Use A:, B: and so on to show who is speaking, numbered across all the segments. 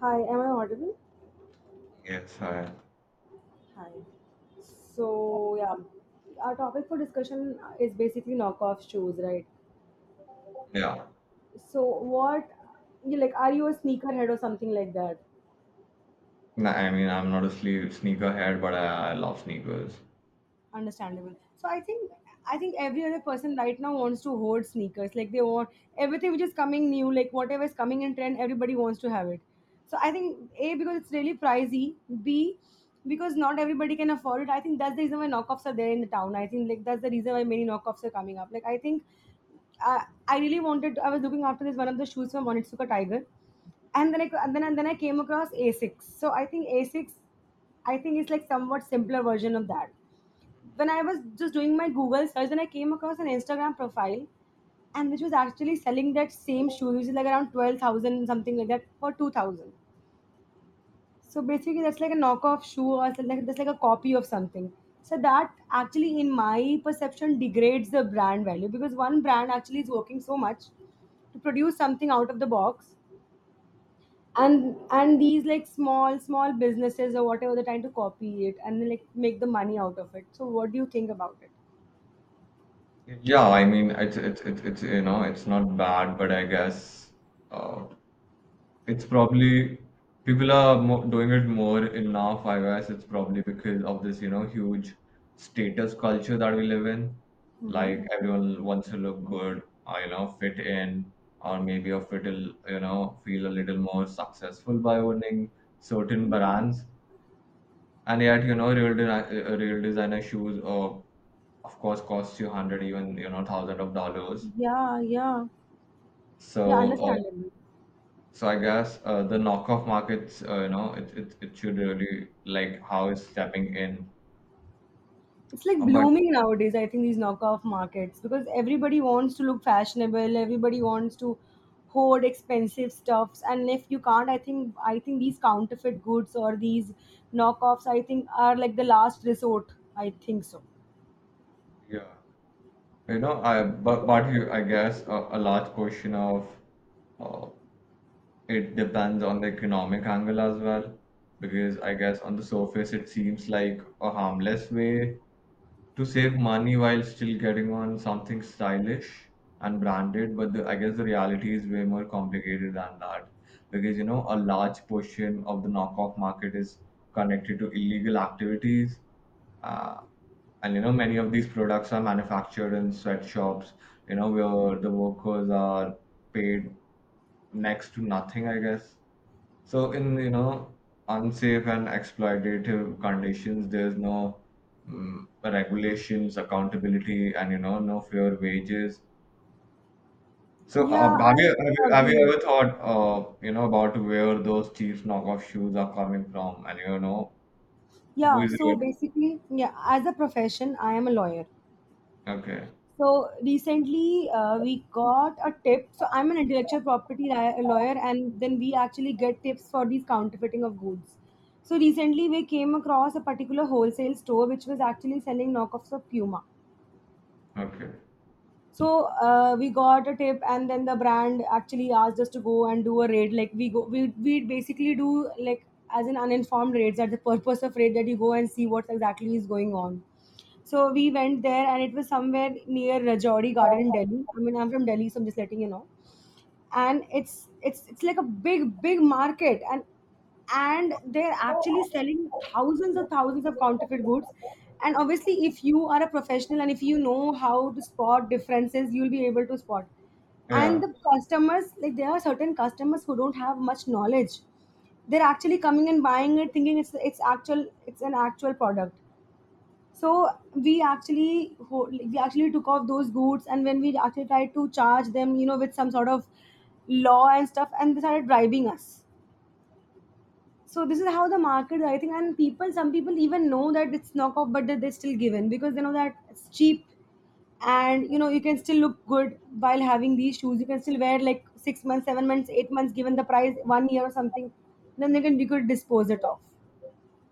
A: Hi, am I audible?
B: Yes, I,
A: Hi. So, yeah, our topic for discussion is basically knockoff shoes, right?
B: yeah.
A: So, what, you like, are you a sneakerhead or something like that?
B: No, I mean, I'm not a sle sneakerhead, but I love sneakers.
A: Understandable. So I think every other person right now wants to hoard sneakers, like they want everything which is coming new, like whatever is coming in trend, everybody wants to have it. So I think, a, because it's really pricey, b, because not everybody can afford it. I think that's the reason why knockoffs are there in the town. I think, like that's the reason why many knockoffs are coming up, like I think I really wanted. I was looking after this, one of the shoes from Onitsuka Tiger, and then I came across A six. So I think A six, I think it's like somewhat simpler version of that. When I was just doing my Google search, then I came across an Instagram profile, and which was actually selling that same shoe, which is like around 12,000 something like that for 2,000. So basically, that's like a knockoff shoe, or something like that's like a copy of something. So that actually, in my perception, degrades the brand value, because one brand actually is working so much to produce something out of the box, and these, like small small businesses or whatever, they're trying to copy it and like make the money out of it. So what do you think about
B: Yeah, I mean, it's not bad, but I guess uh, it's probably people are mo doing it more enough. I guess it's probably because of this huge status culture that we live in.
A: it?
B: Like everyone wants to look good, or fit in, or maybe or fit a, l- you know, feel a little more successful by owning certain
A: Hmm.
B: brands. And yet, real designer shoes, of course, cost you hundred, even thousand of dollars.
A: Yeah, yeah, yeah,
B: So, uh,
A: understandable.
B: so I guess the knockoff markets, it should really like how it's stepping in.
A: It's like
B: But
A: blooming nowadays, I think, these knockoff markets, because everybody wants to look fashionable, everybody wants to hoard expensive stuffs, and if you can't, I think, these counterfeit goods or these knockoffs, I think, are like the last resort. I think so.
B: yeah, you know, I but you, I guess a large portion of uh, it depends on the economic angle as well, because I guess on the surface it seems like a harmless way to save money while still getting on something stylish and branded, but I guess the reality is way more complicated than that, because a large portion of the knockoff market is connected to illegal activities. uh, and you know Many of these products are manufactured in sweatshops, where the workers are paid next to nothing, I guess, so in, unsafe and exploitative conditions. There's no regulations, accountability, and no fair wages. So
A: Yeah,
B: have
A: I
B: you have you, have
A: agree
B: you
A: with
B: ever
A: you.
B: thought about where those cheap knockoff shoes are coming from, and who
A: Yeah,
B: is
A: so
B: it?
A: basically, yeah, as a profession, I am a lawyer.
B: Okay,
A: So recently, we got a tip. So I'm an intellectual property lawyer, and then we actually get tips for these counterfeiting of goods. So recently, we came across a particular wholesale store which was actually selling knockoffs of Puma.
B: okay,
A: So we got a tip, and then the brand actually asked us to go and do a raid, like we go, we basically do like as an uninformed raid. That's the purpose of raid, that you go and see what exactly is going on. So we went there, and it was somewhere near Rajouri Garden in Delhi. I mean, I'm from Delhi, so I'm just letting you know. And it's like a big big market, and they're actually selling thousands and thousands of counterfeit goods. And obviously, if you are a professional and if you know how to spot differences, you'll be able to spot. And
B: yeah.
A: the customers, like there are certain customers who don't have much knowledge, they're actually coming and buying it, thinking it's actual, it's an actual product. So we actually took off those boots, and when we actually tried to charge them, with some sort of law and stuff, and they started bribing us. So this is how the market, I think, and people, some people even know that it's knockoff, but that they still give in, because they know that it's cheap, and you know you can still look good while having these shoes. You can still wear like 6 months, 7 months, 8 months, given the price, one year or something. Then they can you could dispose it off.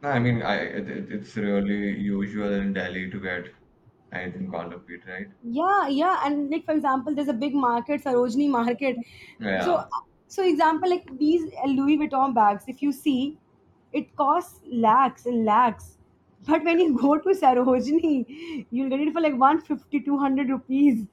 B: No, I mean it's really usual in Delhi to get anything counterfeit, right?
A: Yeah, yeah, and like for example, there's a big market, Sarojini Market. So,
B: Yeah,
A: so example, like these Louis Vuitton bags, if you see, it costs lakhs and lakhs. But when you go to Sarojini, you'll get it for like 150, 200 rupees,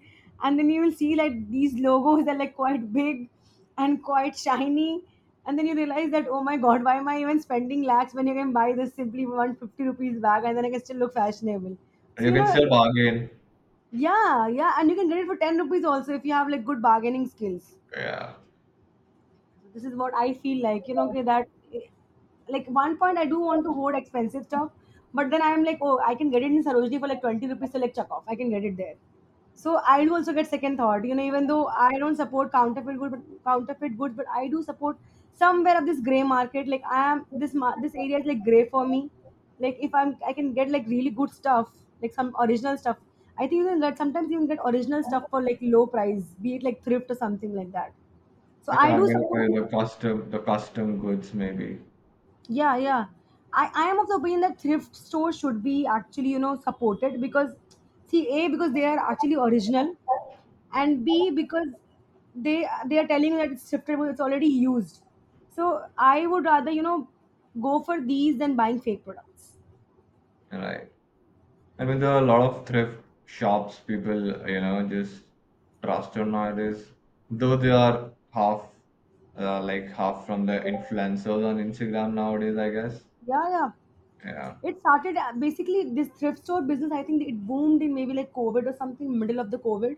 A: and then you will see like these logos are like quite big and quite shiny, and then you realize that oh my god, why am I even spending lakhs when you can buy this simply 150 rupees bag and then I can still look fashionable.
B: and
A: So,
B: you
A: you
B: can
A: know.
B: still bargain.
A: Yeah, yeah, and you can get it for 10 rupees also if you have like good bargaining skills.
B: Yeah.
A: So this is what I feel, like okay, that like one point I do want to hoard expensive stuff, but then I'm like, oh, I can get it in Sarojini for like 20 rupees, so like chuck off. I can get it there. So I do also get second thought, even though I don't support counterfeit goods, but I do support somewhere of this gray market. Like I am this ma- this area is like gray for me. Like if I can get like really good stuff, like some original stuff. I think you can sometimes you can get original stuff for like low price, be it like thrift or something like that. So
B: I know,
A: I
B: I
A: do
B: mean,
A: support.
B: the custom goods maybe,
A: Yeah, yeah. I am of the opinion that thrift stores should be actually, supported, because see, a, because they are actually original, and b, because they are telling you that it's thriftable, it's already used. So I would rather, you know, go for these than buying fake products.
B: right? I mean, there are a lot of thrift shops people, just trust on nowadays, though they are half, like half from the influencers on Instagram nowadays, I guess.
A: Yeah, yeah.
B: Yeah,
A: It started basically this thrift store business. I think it boomed in maybe like COVID or something, middle of the COVID,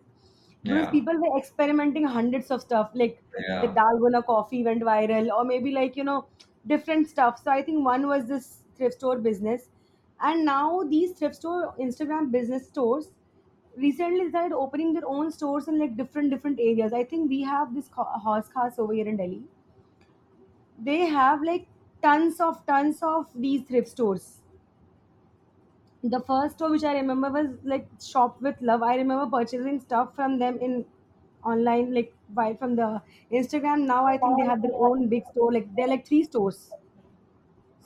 A: because
B: yeah,
A: people were experimenting hundreds of stuff. Like the
B: yeah.
A: dalgona coffee went viral, or maybe like different stuff. So I think one was this thrift store business, and now these thrift store Instagram business stores recently started opening their own stores in like different different areas. I think we have this horse cars over here in Delhi. They have like tons of these thrift stores. The first store which I remember was like Shop with Love. I remember purchasing stuff from them in online, like by from the Instagram. Now I think they have their own big store. Like they're like three stores.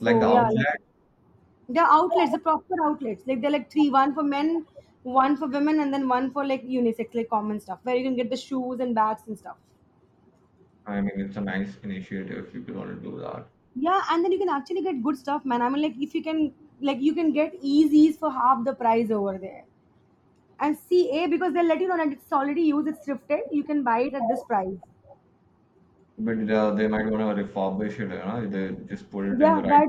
B: Like the
A: yeah, like
B: outlet,
A: they're outlets, the proper outlets. Like they're like three, one for men, one for women, and then one for like unisex, like common stuff, where you can get the shoes and bags and stuff.
B: I mean, it's a nice initiative if people want to do that.
A: Yeah, and then you can actually get good stuff, man. I mean, like if you can, like you can get Yeezys for half the price over there. And CA because they'll let you know that it's already used, it's thrifted. You can buy it at this price.
B: But they might want to refurbish it, they just put it in the
A: Yeah,
B: right.
A: that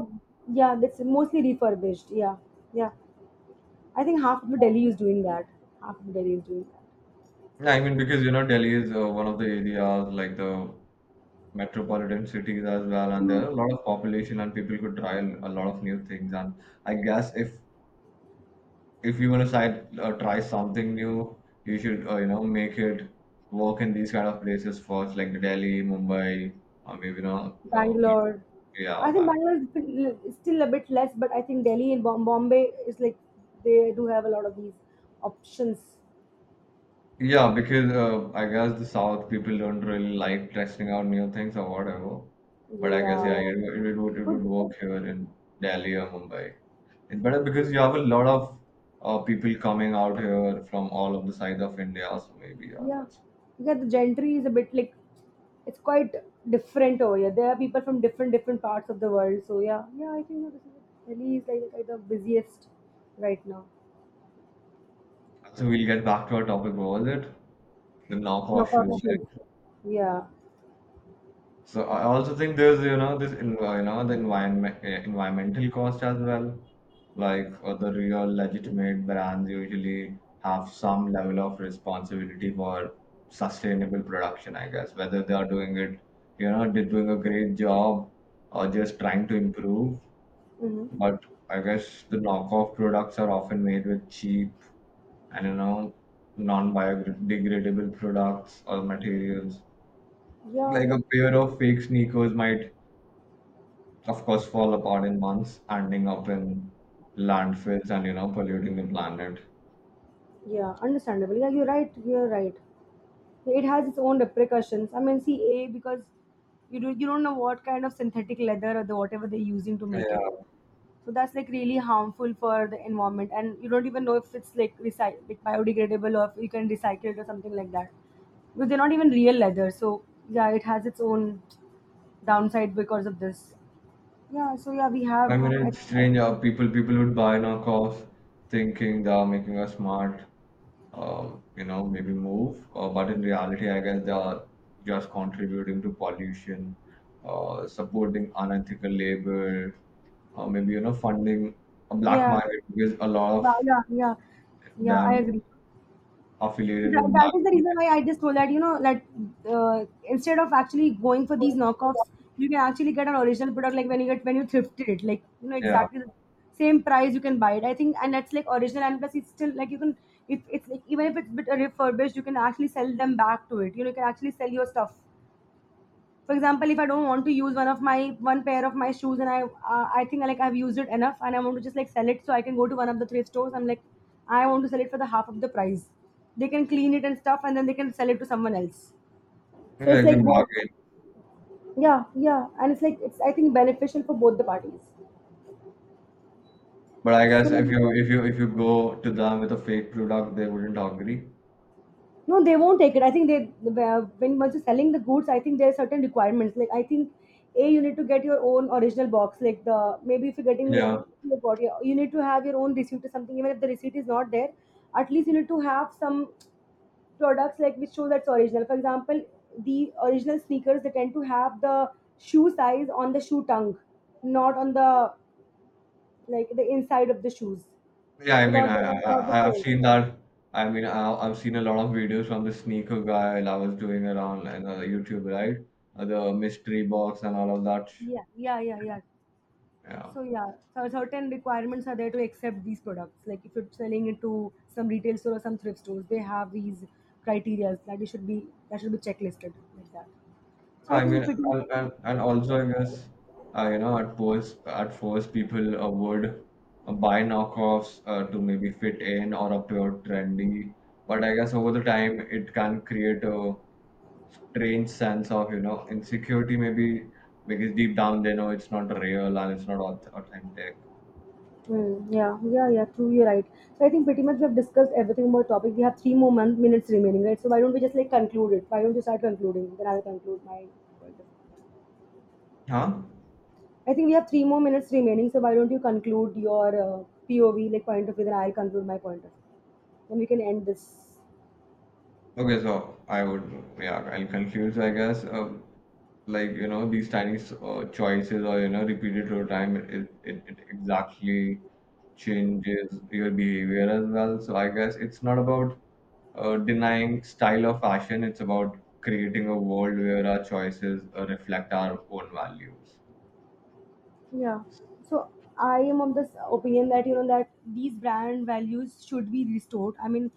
A: yeah, that's mostly refurbished. Yeah, yeah. I think half of Delhi is doing that. Half of Delhi is doing that.
B: Yeah, I mean, because Delhi is one of the areas like the metropolitan cities as well, and there
A: Hmm.
B: are a lot of population and people could try a lot of new things, and I guess if you want to try something new, you should make it work in these kind of places first, like Delhi, Mumbai, or maybe
A: Bangalore.
B: yeah,
A: I think
B: Bangalore.
A: Bangalore is still a bit less, but I think Delhi and Bombay is like they do have a lot of these options.
B: Yeah, because I guess the south people don't really like testing out new things or whatever, but I guess
A: Yeah,
B: yeah. Yeah, it
A: could
B: would
A: be.
B: work here in Delhi or Mumbai. It's better because you have a lot of people coming out here from all of the sides of India. So maybe yeah,
A: Yeah,
B: that's.
A: because the gentry is a bit like, it's quite different over here. There are people from different different parts of the world. So yeah, yeah, I think that this is, Delhi is like the busiest right now.
B: So we'll get back to our topic. What was it? The knock
A: Knock
B: off
A: up
B: shoes, right?
A: shoes. Yeah.
B: So I also think there's this en- you know the environmental cost as well. Like the real legitimate brands usually have some level of responsibility for sustainable production, I guess. Whether they are doing it, they're doing a great job or just trying to improve.
A: Hmm.
B: But I guess the knockoff products are often made with cheap and non-biodegradable products or materials.
A: Yeah.
B: Like a pair of fake sneakers might, of course, fall apart in months, ending up in landfills and polluting the planet.
A: Yeah. Understandable. Yeah, you're right. You're right. It has its own repercussions. I mean, see, a, because you don't know what kind of synthetic leather or the whatever they're using to make it.
B: Yeah,
A: So that's like really harmful for the environment, and you don't even know if it's like like biodegradable, or if you can recycle it or something like that, because they're not even real leather. So yeah, it has its own downside because of this. Yeah, so yeah, we
B: I
A: have
B: mean,
A: I,
B: it's strange how people would buy knockoffs thinking they are making us smart, maybe move. But in reality, I guess they are just contributing to pollution, supporting unethical labor, maybe, funding a black
A: yeah,
B: market, because a lot of
A: but yeah, yeah, yeah, I
B: them
A: agree.
B: affiliated
A: that,
B: with
A: that
B: black.
A: is the reason why I just told that you know that instead of actually going for these knockoffs, you can actually get an original product, like when you get when you thrifted it, like you know
B: Yeah,
A: exactly the same price you can buy it, I think, and that's like original, and plus it's still like you can, if it's like, even if it's bit refurbished, you can actually sell them back to it. You know, you can actually sell your stuff, for example, if I don't want to use one pair of my shoes, and I think like I've used it enough and I want to just like sell it, so I can go to one of the thrift stores, I'm like I want to sell it for the half of the price, they can clean it and stuff and then they can sell it to someone else. So
B: yeah,
A: it's
B: you can
A: like
B: bargain.
A: both. Yeah, yeah, and it's like it's I think beneficial for both the parties.
B: But I guess
A: So
B: if you if you if you go to them with a fake product, they wouldn't agree.
A: no, they won't take it. I think they when once you're selling the goods, I think there are certain requirements. Like I think, a, you need to get your own original box, like the, maybe if you're getting like
B: Yeah.
A: the body, you need to have your own receipt or something. Even if the receipt is not there, at least you need to have some products like which show that's original. For example, the original sneakers, they tend to have the shoe size on the shoe tongue, not on the like the inside of the shoes.
B: Yeah, I
A: They're
B: mean,
A: not the, not the
B: I, I've
A: sole.
B: seen that. I mean, I've seen a lot of videos from the sneaker guy I was doing around and YouTube, right? The mystery box and all of that.
A: Yeah, yeah, yeah, yeah.
B: Yeah,
A: So yeah, so certain requirements are there to accept these products. Like if you're selling it to some retail store or some thrift stores, they have these criteria that you should be, that should be checklisted like that. So I
B: I
A: think
B: mean,
A: pretty.
B: and, also I guess at first, people would buy knockoffs to maybe fit in or appear trendy, but I guess over the time it can create a strange sense of insecurity maybe, because deep down they know it's not real and it's not authentic.
A: Mm, yeah, yeah, yeah, true, you're right. So I think pretty much we have discussed everything about topic. We have three more minutes remaining, right? So why don't we just like conclude it? Why don't you start concluding? Then I'll conclude my.
B: Huh.
A: I think we have three more minutes remaining, so why don't you conclude your POV, like point of view, then I'll conclude my point of view. Then we can end this.
B: Okay, so I would, yeah, I'll conclude, I guess. Like, these tiny choices or repeated over time, it exactly changes your behavior as well. So I guess it's not about denying style or fashion, it's about creating a world where our choices reflect our own values.
A: Yeah. So I am of this opinion that you know that these brand values should be restored. I mean,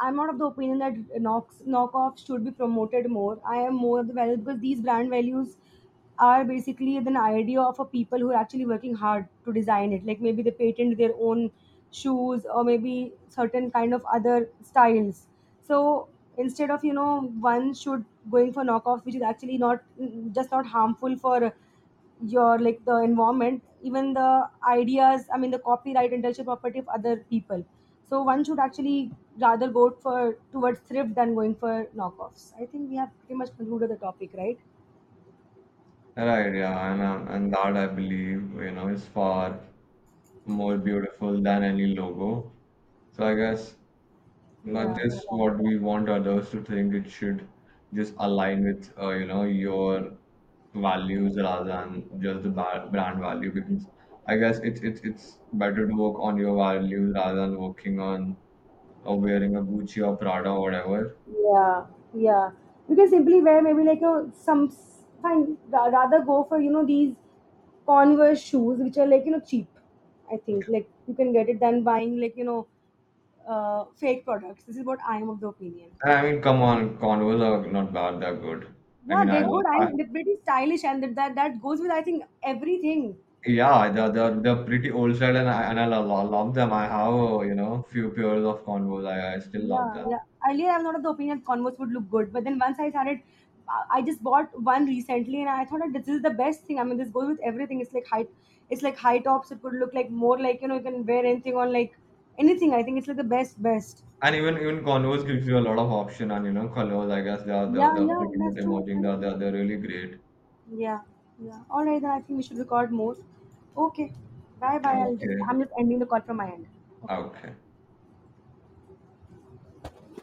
A: I'm not of the opinion that knocks knockoffs should be promoted more. I am more of the value, because these brand values are basically an idea of a people who are actually working hard to design it. Like maybe they patent their own shoes or maybe certain kind of other styles. So instead of, you know, one should, going for knockoffs which is actually not, just not harmful for your, like the environment, even the ideas, I mean the copyright, intellectual property of other people. So one should actually rather go for towards thrift than going for knockoffs. I think we have pretty much concluded the topic, right?
B: Right, yeah, and that I believe, is far more beautiful than any logo. So I guess not
A: Yeah.
B: just what we want others to think, it should just align with, your values rather than just the brand value. Because I guess it's better to work on your values rather than working on or wearing a Gucci or Prada or whatever.
A: Yeah. Yeah, you can simply wear, maybe like you know some fine rather go for, you know, these Converse shoes which are like you know cheap. I think like you can get it than buying like you know fake products. This is what I am of the opinion.
B: I mean, come on, Converse are not bad, they're good. I
A: Yeah,
B: mean, I
A: they're
B: No,
A: good
B: like, I
A: and they're pretty stylish, and that goes with, I think, everything.
B: yeah, they're pretty old style, and I love love love them. I have few pairs of Converse. I still love
A: Yeah,
B: them,
A: yeah. Earlier, I was not of the opinion that Converse would look good, but then once I started, I just bought one recently, and I thought that this is the best thing. I mean, this goes with everything. It's like high tops. It could look like more like you know you can wear anything on like anything. I think it's like the best, best.
B: and even even Converse gives you a lot of option and colors. I guess
A: Yeah,
B: they're
A: yeah.
B: pretty
A: That's
B: much
A: true.
B: emerging.
A: That's true.
B: They're really great.
A: Yeah, yeah. All right, then I think we should record more. Okay. Bye, bye.
B: Okay,
A: I'm just ending the call from my end. Okay.
B: okay.